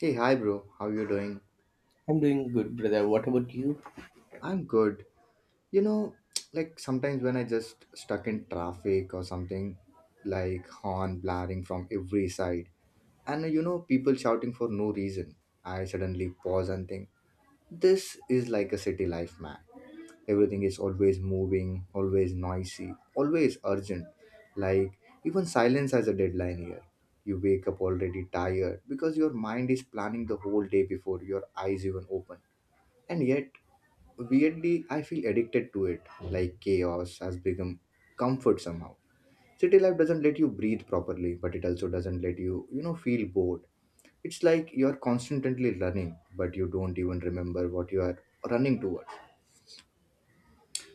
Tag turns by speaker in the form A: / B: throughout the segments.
A: Hey, hi, bro. How you doing?
B: I'm doing good, brother. What about you?
A: I'm good. You know, like sometimes when I just stuck in traffic or something, like horn blaring from every side, and people shouting for no reason, I suddenly pause and think, this is like a city life, man. Everything is always moving, always noisy, always urgent. Like even silence has a deadline here. You wake up already tired because your mind is planning the whole day before your eyes even open. And yet, weirdly, I feel addicted to it. Like chaos has become comfort somehow. City life doesn't let you breathe properly, but it also doesn't let you you know feel bored. It's like you're constantly running, but you don't even remember what you are running toward.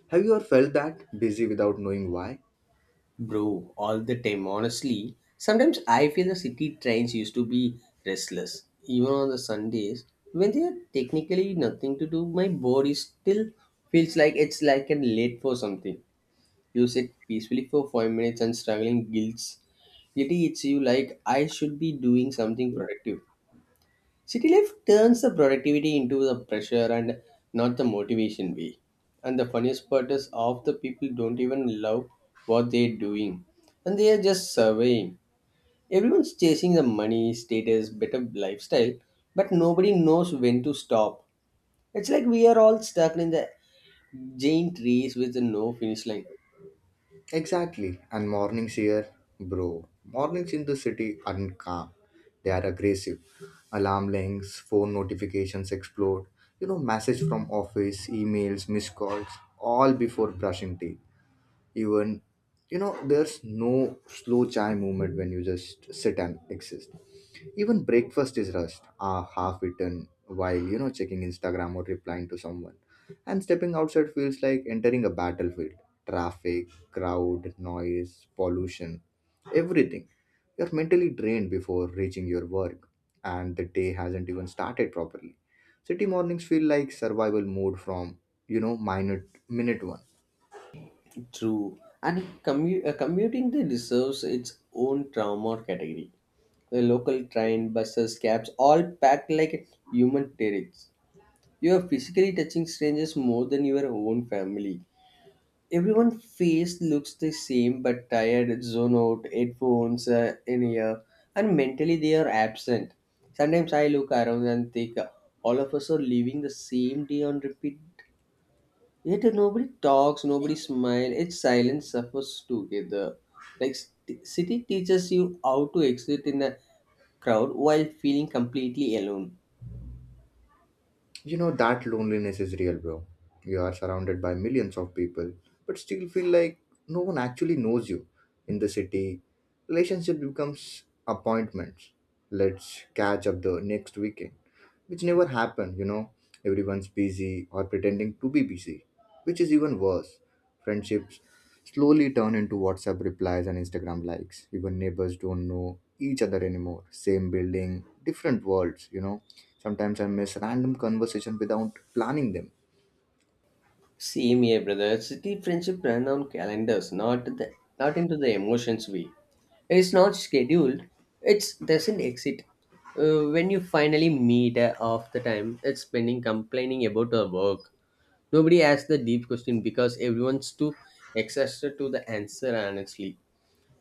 A: Have you ever felt that busy without knowing why?
B: Bro, all the time, honestly. Sometimes I feel the city trains used to be restless. Even on the Sundays, when there are technically nothing to do, my body still feels like it's like an late for something. You sit peacefully for 5 minutes and struggling guilt. Guilty hits you like I should be doing something productive. City life turns the productivity into the pressure and not the motivation way. And the funniest part is half the people don't even love what they're doing. And they are just surveying. Everyone's chasing the money, status, better lifestyle, but nobody knows when to stop. It's like we are all stuck in the giant race with no finish line.
A: Exactly. And mornings here, bro. Mornings in the city aren't calm. They are aggressive. Alarm links, phone notifications explode. Message from office, emails, missed calls, all before brushing teeth. Even, there's no slow chai movement when you just sit and exist. Even breakfast is rushed, half eaten, while checking Instagram or replying to someone. And stepping outside feels like entering a battlefield. Traffic, crowd, noise, pollution, everything. You're mentally drained before reaching your work, and the day hasn't even started properly. City mornings feel like survival mode from minute one.
B: True, and commuting they deserves its own trauma category. The local train, buses, cabs, all packed like human terrorists. You are physically touching strangers more than your own family. Everyone face looks the same but tired, zone out, headphones in ear, and mentally they are absent. Sometimes I look around and think all of us are living the same day on repeat. Yet nobody talks, nobody smiles. It's silence suffers together. City teaches you how to exit in a crowd while feeling completely alone.
A: That loneliness is real, bro. You are surrounded by millions of people, but still feel like no one actually knows you. In the city, relationship becomes appointments. Let's catch up the next weekend, which never happened. Everyone's busy or pretending to be busy, which is even worse. Friendships slowly turn into WhatsApp replies and Instagram likes. Even neighbors don't know each other anymore. Same building, different worlds. Sometimes I miss random conversation without planning them.
B: Same here, brother. City friendship ran on calendars, not into the emotions way. It's not scheduled. It doesn't exit. When you finally meet off the time, it's spending complaining about our work. Nobody asks the deep question because everyone's too exhausted to the answer honestly.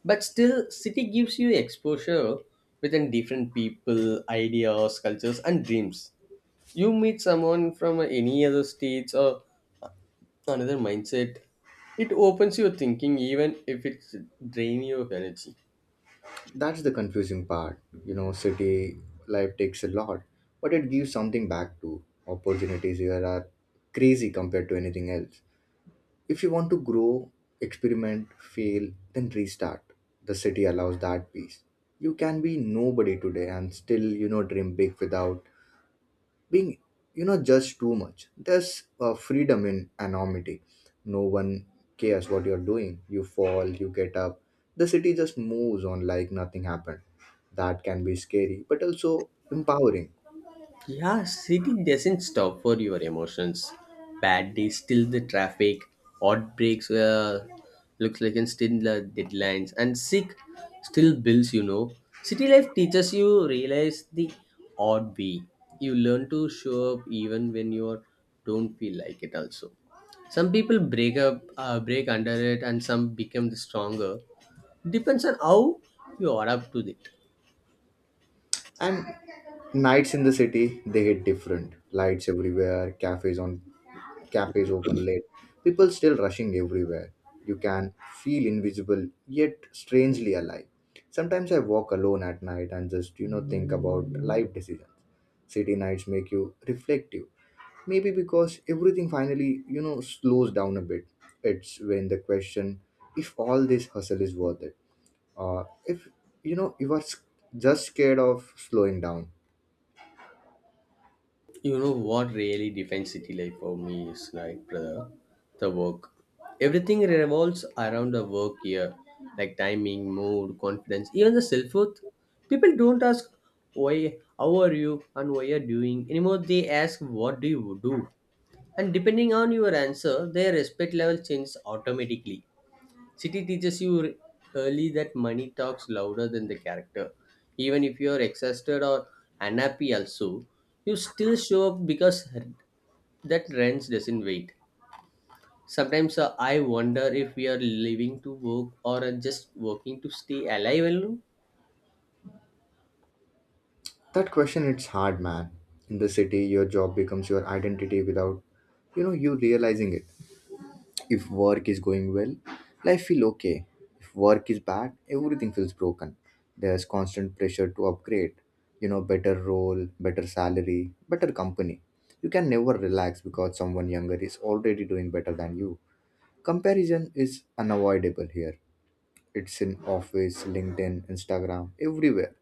B: But still city gives you exposure within different people ideas cultures and dreams. You meet someone from any other states or another mindset. It opens your thinking even if it drain you of energy.
A: That's the confusing part. City life takes a lot, but it gives something back too. Opportunities here are crazy compared to anything else. If you want to grow, experiment, fail, then restart. The city allows that peace. You can be nobody today and still, dream big without being judged too much. There's a freedom in anonymity. No one cares what you're doing. You fall, you get up. The city just moves on like nothing happened. That can be scary, but also empowering.
B: Yeah, city doesn't stop for your emotions. Bad days, still the traffic, odd breaks, looks like and still the deadlines, and sick, still bills, you know. City life teaches you realize the odd way. You learn to show up even when you don't feel like it also. Some people break under it, and some become the stronger. Depends on how you adapt to it.
A: And nights in the city, they hit different. Lights everywhere, cafes open late, people still rushing everywhere. You can feel invisible yet strangely alive. Sometimes I walk alone at night and just, think about life decisions. City nights make you reflective. Maybe because everything finally, slows down a bit. It's when the question if all this hustle is worth it, or if, you are just scared of slowing down.
B: You know what really defines city life for me is like brother, the work. Everything revolves around the work here, like timing, mood, confidence, even the self worth. People don't ask why, how are you, and why you're doing anymore. They ask what do you do, and depending on your answer, their respect level changes automatically. City teaches you early that money talks louder than the character. Even if you're exhausted or unhappy, also, you still show up because that rent doesn't wait. Sometimes I wonder if we are living to work or are just working to stay alive alone.
A: That question it's hard, man. In the city, your job becomes your identity without you realizing it. If work is going well, life feels okay. If work is bad, everything feels broken. There's constant pressure to upgrade, better role, better salary, better company. You can never relax because someone younger is already doing better than you. Comparison is unavoidable here. It's in office, LinkedIn, Instagram, everywhere.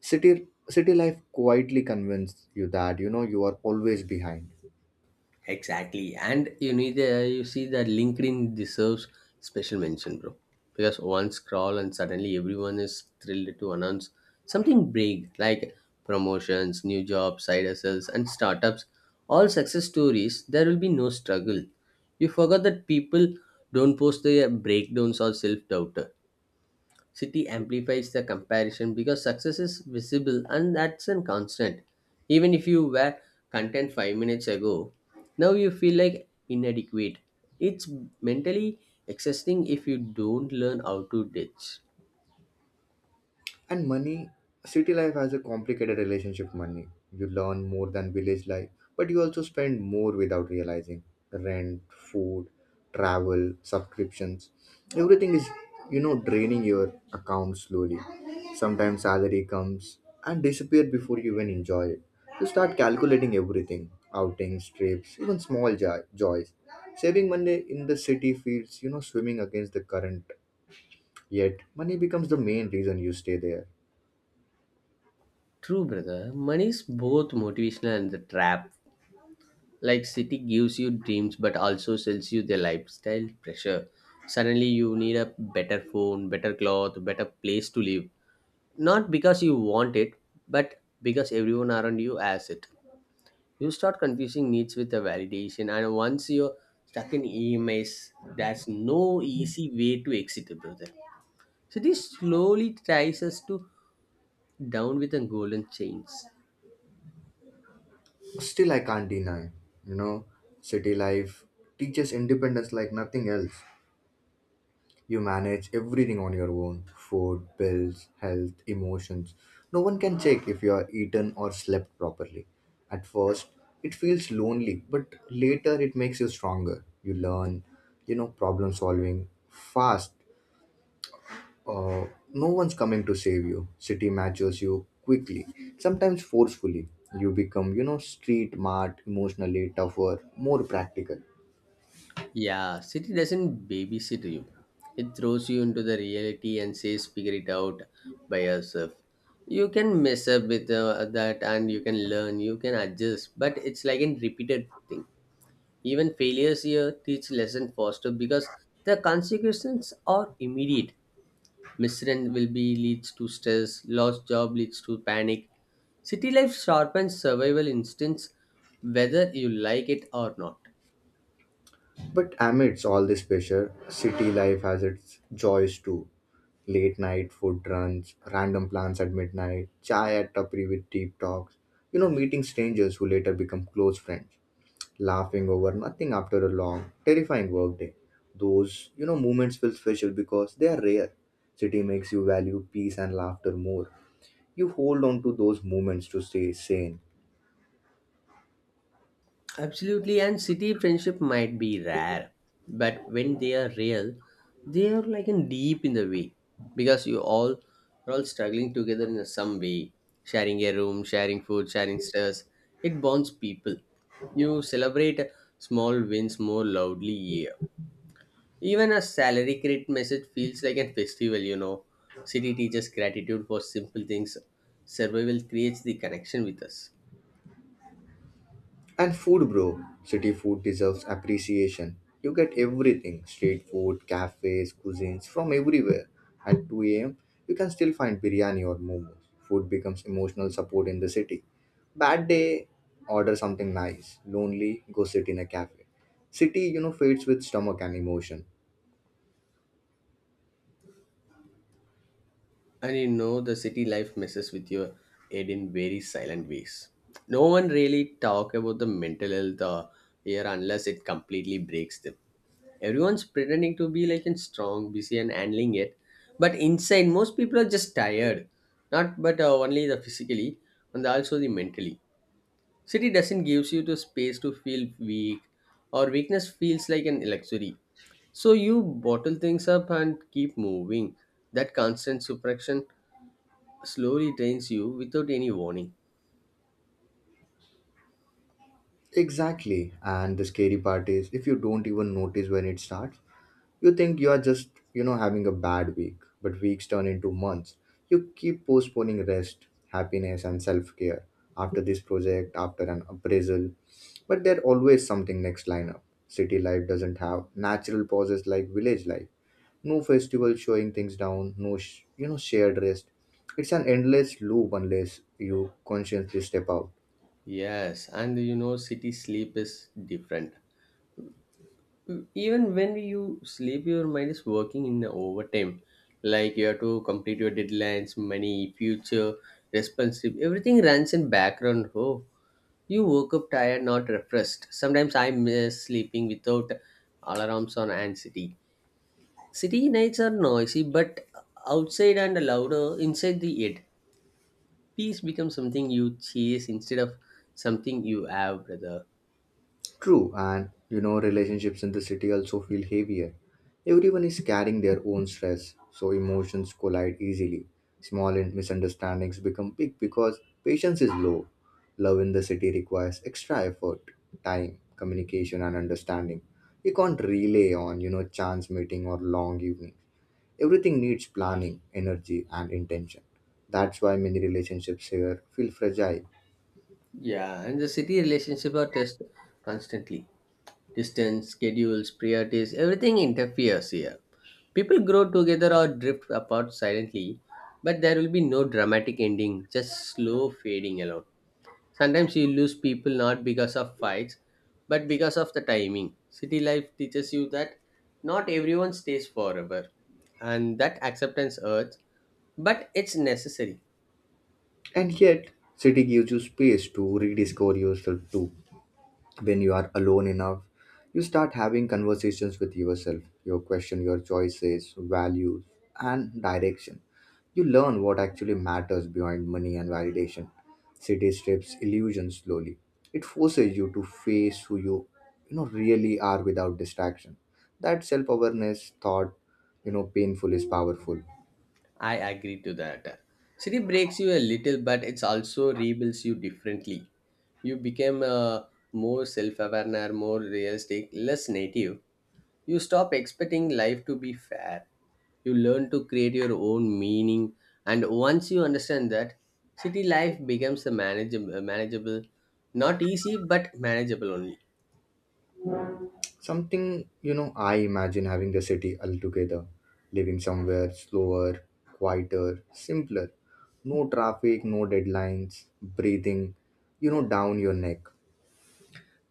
A: City life quietly convinces you that you are always behind.
B: Exactly, and you see that LinkedIn deserves special mention, bro. Because one scroll and suddenly everyone is thrilled to announce something big like promotions, new jobs, side hustles, and startups. All success stories. There will be no struggle. You forgot that people don't post their breakdowns or self doubt. City amplifies the comparison because success is visible and that's a constant. Even if you were content 5 minutes ago, now you feel like inadequate. It's mentally exhausting if you don't learn how to ditch.
A: And money, city life has a complicated relationship with money. You learn more than village life, but you also spend more without realizing. Rent, food, travel, subscriptions, everything is, draining your account slowly. Sometimes salary comes and disappears before you even enjoy it. You start calculating everything outings, trips, even small joys. Saving money in the city feels, swimming against the current. Yet, money becomes the main reason you stay there.
B: True, brother. Money is both motivational and the trap. Like city gives you dreams but also sells you the lifestyle pressure. Suddenly you need a better phone, better cloth, better place to live, not because you want it, but because everyone around you has it. You start confusing needs with the validation, and once you're stuck in EMS, there's no easy way to exit, it, brother. So this slowly ties us to down with the golden chains.
A: Still, I can't deny, you know, city life teaches independence like nothing else. You manage everything on your own food, bills, health, emotions. No one can check if you are eaten or slept properly. At first, it feels lonely, but later it makes you stronger. You learn, problem solving fast. Uh, no one's coming to save you. City matches you quickly, sometimes forcefully. You become, street smart, emotionally tougher, more practical.
B: Yeah, city doesn't babysit you. It throws you into the reality and says figure it out by yourself. You can mess up with that and you can learn, you can adjust, but it's like a repeated thing. Even failures here teach lesson faster because the consequences are immediate. Misrun will be leads to stress, lost job leads to panic. City life sharpens survival instincts whether you like it or not.
A: But amidst all this pressure, city life has its joys too. Late night food runs, random plans at midnight, chai at tapri with deep talks, meeting strangers who later become close friends. Laughing over nothing after a long, terrifying workday. Those, moments feel special because they are rare. City makes you value peace and laughter more. You hold on to those moments to stay sane.
B: Absolutely, and city friendship might be rare, but when they are real, they are like in deep in the way because you all are all struggling together in some way, sharing a room, sharing food, sharing stress. It bonds people. You celebrate small wins more loudly. Even a salary credit message feels like a festival. You know, city teaches gratitude for simple things. Survival creates the connection with us.
A: And food, bro. City food deserves appreciation. You get everything street food, cafes, cuisines from everywhere. At 2 a.m., you can still find biryani or momos. Food becomes emotional support in the city. Bad day, order something nice. Lonely, go sit in a cafe. City, fades with stomach and emotion.
B: And you know, the city life messes with your head in very silent ways. No one really talk about the mental health here unless it completely breaks them. Everyone's pretending to be like in strong, busy, and handling it, but inside, most people are just tired. Not but Only the physically, and also the mentally. City doesn't gives you the space to feel weak, or weakness feels like an luxury. So you bottle things up and keep moving. That constant suppression slowly drains you without any warning.
A: Exactly. And the scary part is if you don't even notice when it starts. You think you are just, having a bad week, but weeks turn into months. You keep postponing rest, happiness, and self care after this project, after an appraisal. But there's always something next lineup. City life doesn't have natural pauses like village life. No festival showing things down, no, shared rest. It's an endless loop unless you consciously step out.
B: Yes, and you know, city sleep is different. Even when you sleep, your mind is working in overtime. Like you have to complete your deadlines, money, future, responsive. Everything runs in background. Oh, you woke up tired, not refreshed. Sometimes I miss sleeping without alarms or anxiety. City nights are noisy, but outside and louder inside the head. Peace becomes something you chase instead of something you have, brother.
A: True, and relationships in the city also feel heavier. Everyone is carrying their own stress, so emotions collide easily. Small misunderstandings become big because patience is low. Love in the city requires extra effort, time, communication, and understanding. You can't rely on, chance meeting or long evening. Everything needs planning, energy, and intention. That's why many relationships here feel fragile.
B: Yeah, and the city relationship are test constantly. Distance, schedules, priorities, everything interferes here. People grow together or drift apart silently, but there will be no dramatic ending, just slow fading alone. Sometimes you lose people not because of fights, but because of the timing. City life teaches you that not everyone stays forever, and that acceptance hurts but it's necessary.
A: And yet, city gives you space to rediscover yourself too. When you are alone enough, you start having conversations with yourself. You question your choices, values, and direction. You learn what actually matters behind money and validation. City strips illusion slowly. It forces you to face who you you know really are without distraction. That self-awareness thought painful is powerful.
B: I agree to that. City breaks you a little but it's also rebuilds you differently. You become more self-aware, more realistic, less native. You stop expecting life to be fair. You learn to create your own meaning, and once you understand that, city life becomes a manageable, not easy but manageable only.
A: Something, I imagine having the city altogether, living somewhere slower, quieter, simpler. No traffic, no deadlines, breathing, down your neck.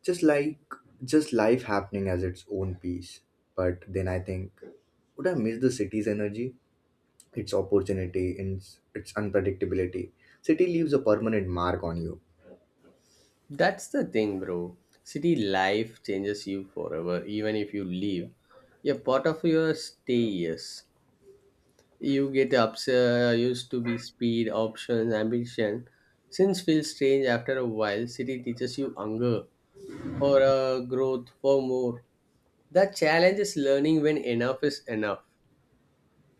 A: Just like, just life happening as its own piece. But then I think, would I miss the city's energy, its opportunity, and its unpredictability? City leaves a permanent mark on you.
B: That's the thing, bro. City life changes you forever, even if you leave. A part of your stay. Yes, you used to be speed, options, ambition. Since feels strange after a while, city teaches you hunger for growth, for more. The challenge is learning when enough is enough,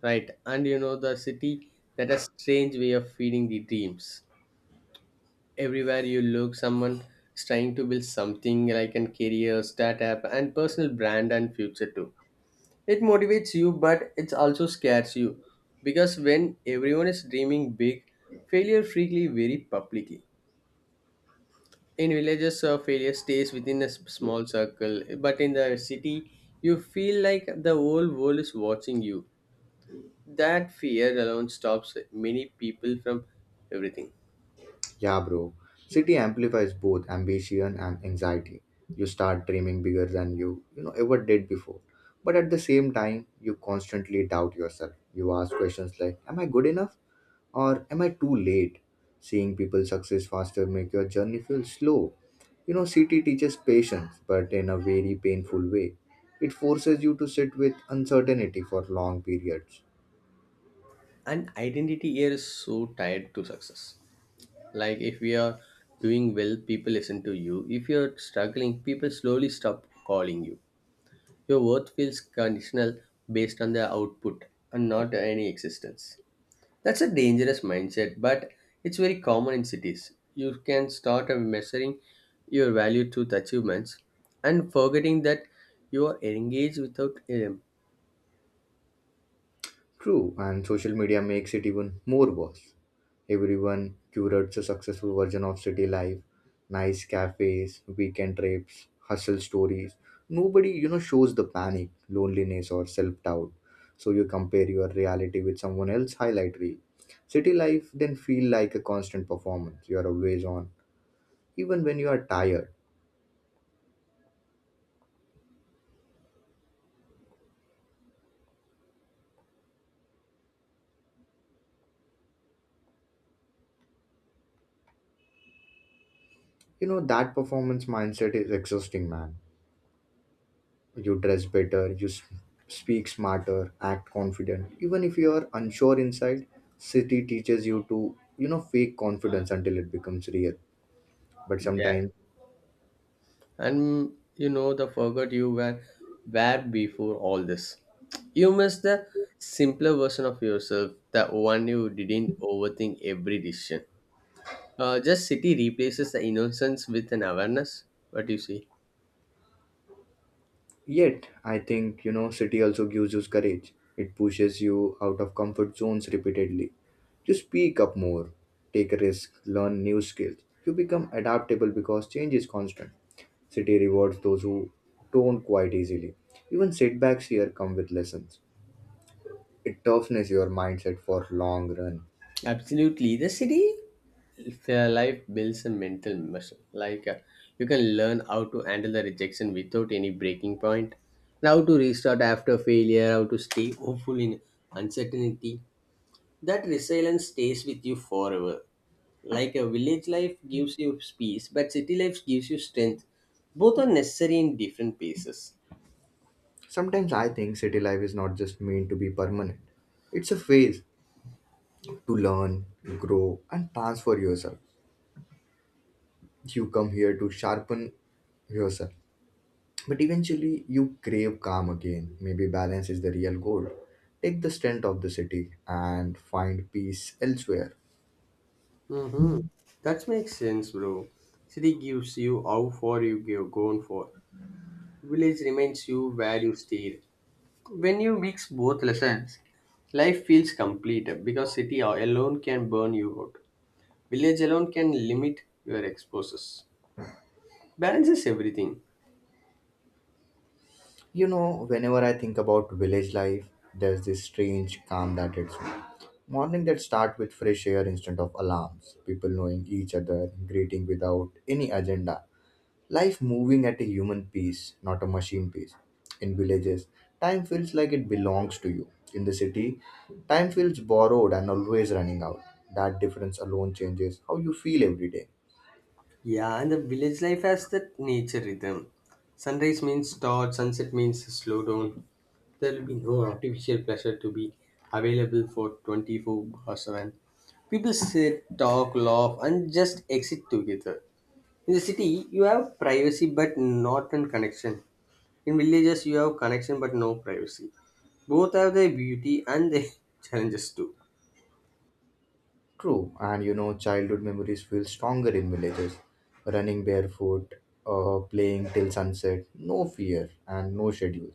B: right? And you know, the city that a strange way of feeding the dreams. Everywhere you look someone is trying to build something like a career startup and personal brand and future too. It motivates you but it also scares you because when everyone is dreaming big, failure frequently very publicly. In villages failure stays within a small circle, but in the city you feel like the whole world is watching you. That fear alone stops many people from everything.
A: Yeah, bro. City amplifies both ambition and anxiety. You start dreaming bigger than you, ever did before. But at the same time, you constantly doubt yourself. You ask questions like, am I good enough? Or am I too late? Seeing people success faster make your journey feel slow. City teaches patience, but in a very painful way. It forces you to sit with uncertainty for long periods.
B: And identity here is so tied to success. Like if we are doing well people listen to you, if you're struggling people slowly stop calling you. Your worth feels conditional based on the output, and not any existence. That's a dangerous mindset but it's very common in cities. You can start measuring your value to the achievements and forgetting that you are engaged without
A: True, and social media makes it even more worse. Everyone curates a successful version of city life, nice cafes, weekend trips, hustle stories. Nobody, shows the panic, loneliness, or self doubt. So you compare your reality with someone else's highlight reel. City life then feel like a constant performance. You are always on, even when you are tired. You know that performance mindset is exhausting, man. You dress better, you speak smarter, act confident. Even if you are unsure inside, city teaches you to, fake confidence until it becomes real. But
B: yeah,
A: sometimes,
B: and you know the forgot you were before all this. You miss the simpler version of yourself, the one you didn't overthink every decision. Just city replaces the innocence with an awareness. What do you see?
A: yet, I think, city also gives you courage. It pushes you out of comfort zones repeatedly. You speak up more, take a risk, learn new skills. You become adaptable because change is constant. City rewards those who don't quite easily. Even setbacks here come with lessons. It toughens your mindset for long run.
B: Absolutely the city if life builds a mental muscle like you can learn how to handle the rejection without any breaking point, and how to restart after failure, how to stay hopeful in uncertainty. That resilience stays with you forever. Like a village life gives you peace, but city life gives you strength. Both are necessary in different paces.
A: Sometimes I think city life is not just meant to be permanent. It's a phase to learn, grow, and transfer yourself. You come here to sharpen yourself, but eventually you crave calm again. Maybe balance is the real goal. Take the strength of the city and find peace elsewhere.
B: Mm-hmm. That makes sense, bro. City gives you how far you go gone for. Village reminds you where you stayed. When you mix both lessons, life feels complete because city alone can burn you out. Village alone can limit your exposures. Balance is everything.
A: Whenever I think about village life, there's this strange calm that hits me. Morning that start with fresh air instead of alarms, people knowing each other, greeting without any agenda. Life moving at a human pace, not a machine pace. In villages, time feels like it belongs to you. In the city, time feels borrowed and always running out. That difference alone changes how you feel every day.
B: Yeah, and the village life has that nature rhythm. Sunrise means start, sunset means slow down. There will be no artificial pleasure to be available for 24 or 7. People sit, talk, laugh, and just exit together. In the city, you have privacy but not in connection. In villages, you have connection but no privacy. Both have their beauty and their challenges too.
A: True, and childhood memories feel stronger in villages. Running barefoot, playing till sunset, no fear and no schedule.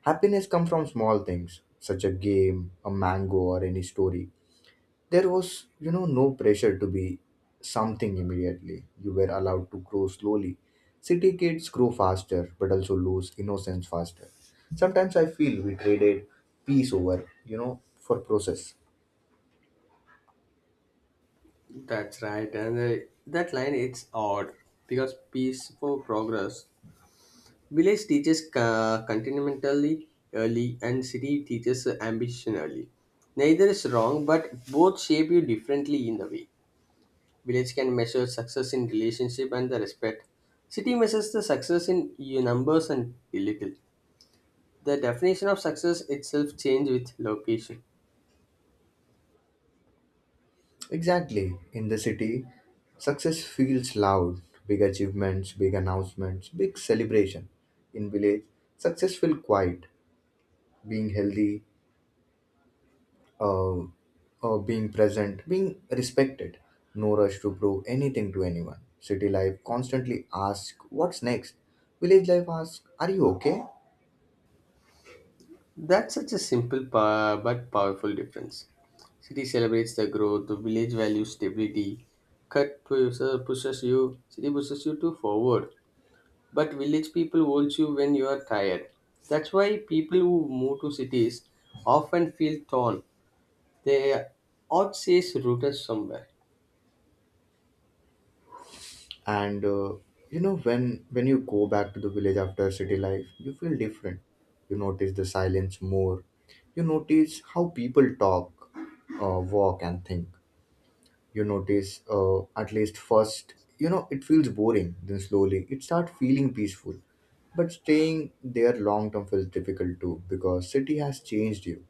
A: Happiness comes from small things, such a game, a mango, or any story. There was, no pressure to be something immediately. You were allowed to grow slowly. City kids grow faster, but also lose innocence faster. Sometimes I feel we traded peace over, for process.
B: That's right, and that line it's odd because peaceful progress. Village teaches continentally early and city teaches ambition early. Neither is wrong, but both shape you differently in the way. Village can measure success in relationship and the respect. City measures the success in your numbers and little. The definition of success itself change with location.
A: Exactly. In the city, success feels loud. Big achievements, big announcements, big celebration. In village, success feels quiet. Being healthy, uh, being present, being respected. No rush to prove anything to anyone. City life constantly asks, what's next? Village life asks, are you okay?
B: That's such a simple but powerful difference. City celebrates the growth, the village values stability. Cut pushes you, city pushes you to forward, but village people holds you when you are tired. That's why people who move to cities often feel torn. Their heart says rooted somewhere.
A: and You know, when you go back to the village after city life, you feel different. You notice the silence more. You notice how people talk, walk, and think. You notice, at least first, it feels boring, then slowly it starts feeling peaceful. But staying there long term feels difficult too, because city has changed you.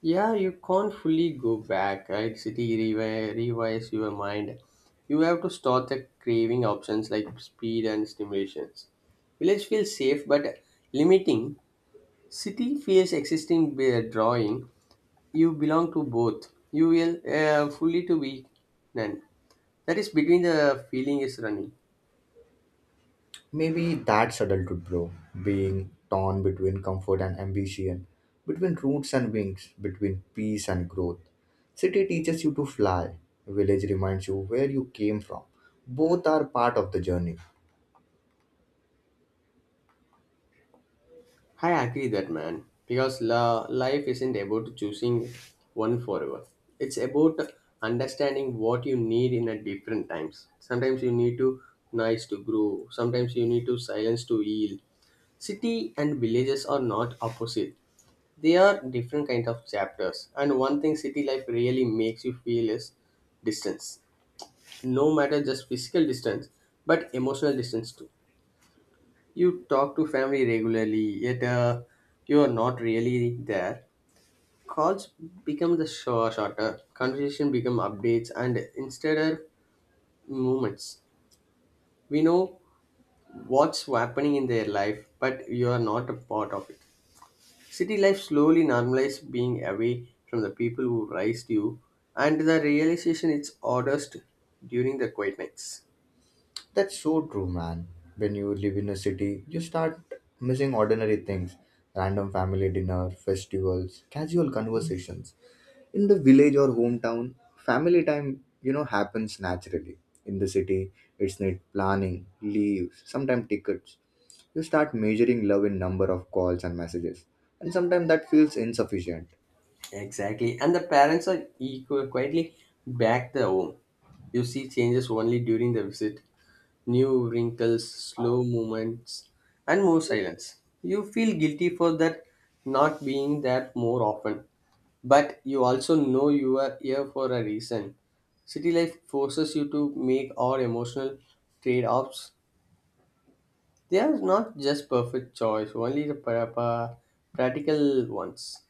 B: Yeah, you can't fully go back, right? City revise your mind. You have to start the craving options like speed and stimulations. Village feels safe but limiting. City feels existing by drawing. You belong to both. You will fully to be none. That is between the feeling is running.
A: Maybe that's adulthood, bro. Being torn between comfort and ambition, between roots and wings, between peace and growth. City teaches you to fly, village reminds you where you came from. Both are part of the journey.
B: I agree that man because life isn't about choosing one forever. It's about understanding what you need in a different times. Sometimes you need to nice to grow. Sometimes you need to silence to heal. City and villages are not opposite. They are different kind of chapters. And one thing city life really makes you feel is distance. No matter just physical distance, but emotional distance too. You talk to family regularly, yet you are not really there. Calls become the shorter, conversation become updates, and instead of moments, we know what's happening in their life, but you are not a part of it. City life slowly normalizes being away from the people who raised you, and the realization it's oddest during the quiet nights.
A: That's so true, man. When you live in a city, you start missing ordinary things: random family dinner, festivals, casual conversations. In the village or hometown, family time happens naturally. In the city, it's need planning, leaves, sometimes tickets. You start measuring love in number of calls and messages, and sometimes that feels insufficient.
B: Exactly. And the parents are quietly back the home. You see changes only during the visit, new wrinkles, slow movements, and more silence. You feel guilty for that not being there more often. But you also know you are here for a reason. City life forces you to make all emotional trade offs. They are not just perfect choice, only the practical ones.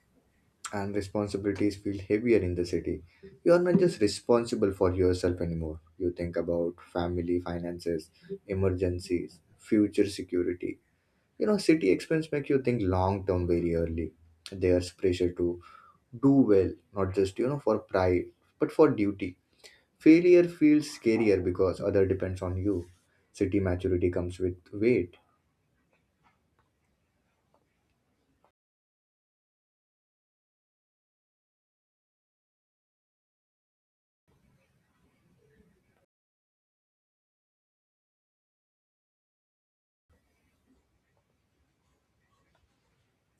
A: And responsibilities feel heavier in the city. You are not just responsible for yourself anymore. You think about family finances, emergencies, future security. You know, city expense make you think long term very early. There's pressure to do well, not just for pride, but for duty. Failure feels scarier because other depends on you. City maturity comes with weight.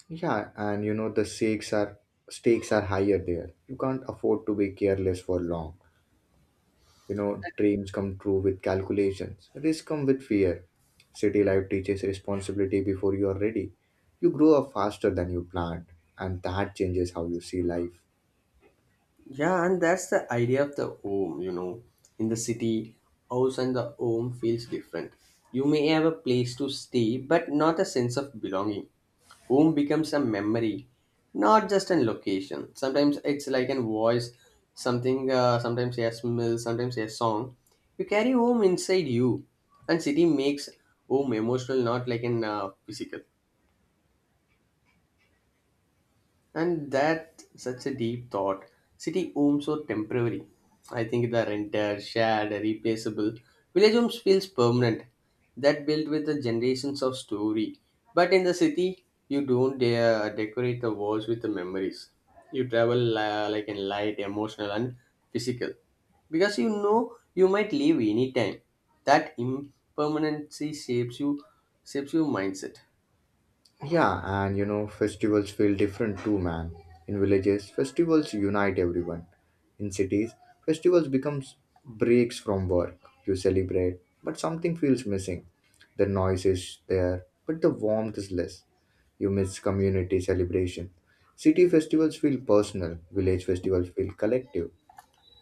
A: Yeah, and you know, the stakes are higher there. You can't afford to be careless for long. You know, dreams come true with calculations, risks come with fear. City life teaches responsibility before you are ready. You grow up faster than you planned, and that changes how you see life.
B: Yeah, and that's the idea of the home, you know. In the city, house and the home feels different. You may have a place to stay, but not a sense of belonging. Home becomes a memory, not just a location. Sometimes it's like an voice, something, sometimes a smell, sometimes a song. You carry home inside you, and city makes home emotional, not like an physical. And that such a deep thought. City homes are temporary. I think they're rented, shared, replaceable. Village homes feels permanent. That built with the generations of story. But in the city, you don't dare decorate the walls with the memories. You travel like in light, emotional, and physical, because you know you might leave anytime. That impermanency shapes you, shapes your mindset.
A: Yeah, and you know, festivals feel different too, man. In villages, festivals unite everyone. In cities, festivals becomes breaks from work. You celebrate, but something feels missing. The noise is there, but the warmth is less. You miss community celebration. City festivals feel personal, village festivals feel collective.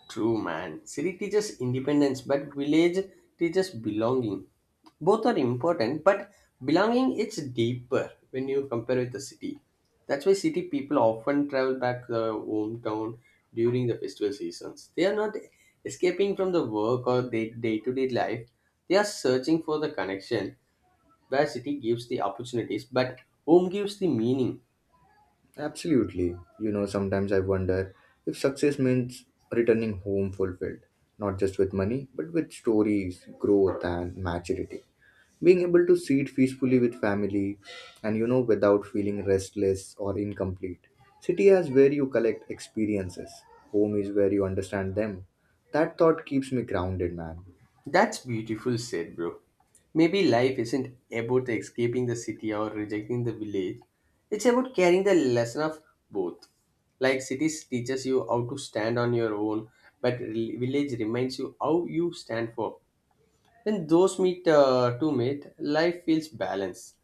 B: True, man. City teaches independence, but village teaches belonging. Both are important, but belonging is deeper when you compare with the city. That's why city people often travel back to their hometown during the festival seasons. They are not escaping from the work or day to day life. They are searching for the connection where city gives the opportunities, but home gives the meaning.
A: Absolutely. You know, sometimes I wonder if success means returning home fulfilled, not just with money, but with stories, growth, and maturity. Being able to sit peacefully with family and, without feeling restless or incomplete. City is where you collect experiences, home is where you understand them. That thought keeps me grounded, man.
B: That's beautiful said, bro. Maybe life isn't about escaping the city or rejecting the village. It's about carrying the lesson of both. Like cities teaches you how to stand on your own, but village reminds you how you stand for. When those meet to meet, life feels balanced.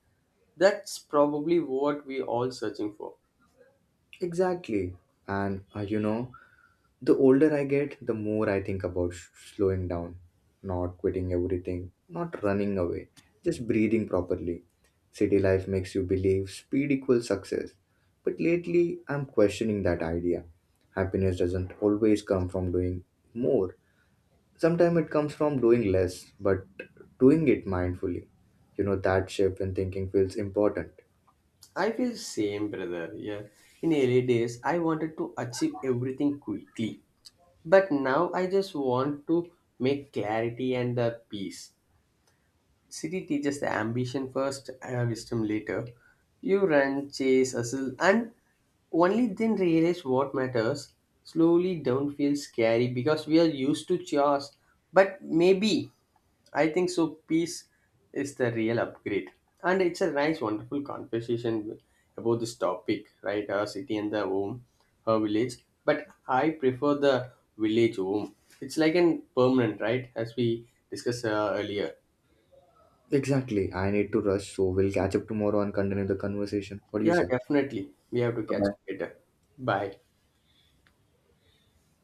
B: That's probably what we all searching for.
A: Exactly. And You know, the older I get, the more I think about slowing down, not quitting everything, not running away, just breathing properly. City life makes you believe speed equals success. But lately, I'm questioning that idea. Happiness doesn't always come from doing more, sometimes it comes from doing less, but doing it mindfully. You know, that shift in thinking feels important.
B: I feel same, brother. Yeah. In early days, I wanted to achieve everything quickly. But now I just want to make clarity and the peace. City teaches the ambition first and wisdom later. You run, chase, hustle, and only then realize what matters. Slowly don't feel scary because we are used to chores. But maybe, I think so. Peace is the real upgrade, and it's a nice, wonderful conversation about this topic, right? Our city and the home, her village. But I prefer the village home. It's like an permanent, right? As we discussed earlier.
A: Exactly. I need to rush, so we'll catch up tomorrow and continue the conversation. What do you
B: Yeah,
A: say?
B: definitely. We have to
A: Bye
B: catch up
A: bye.
B: later. Bye.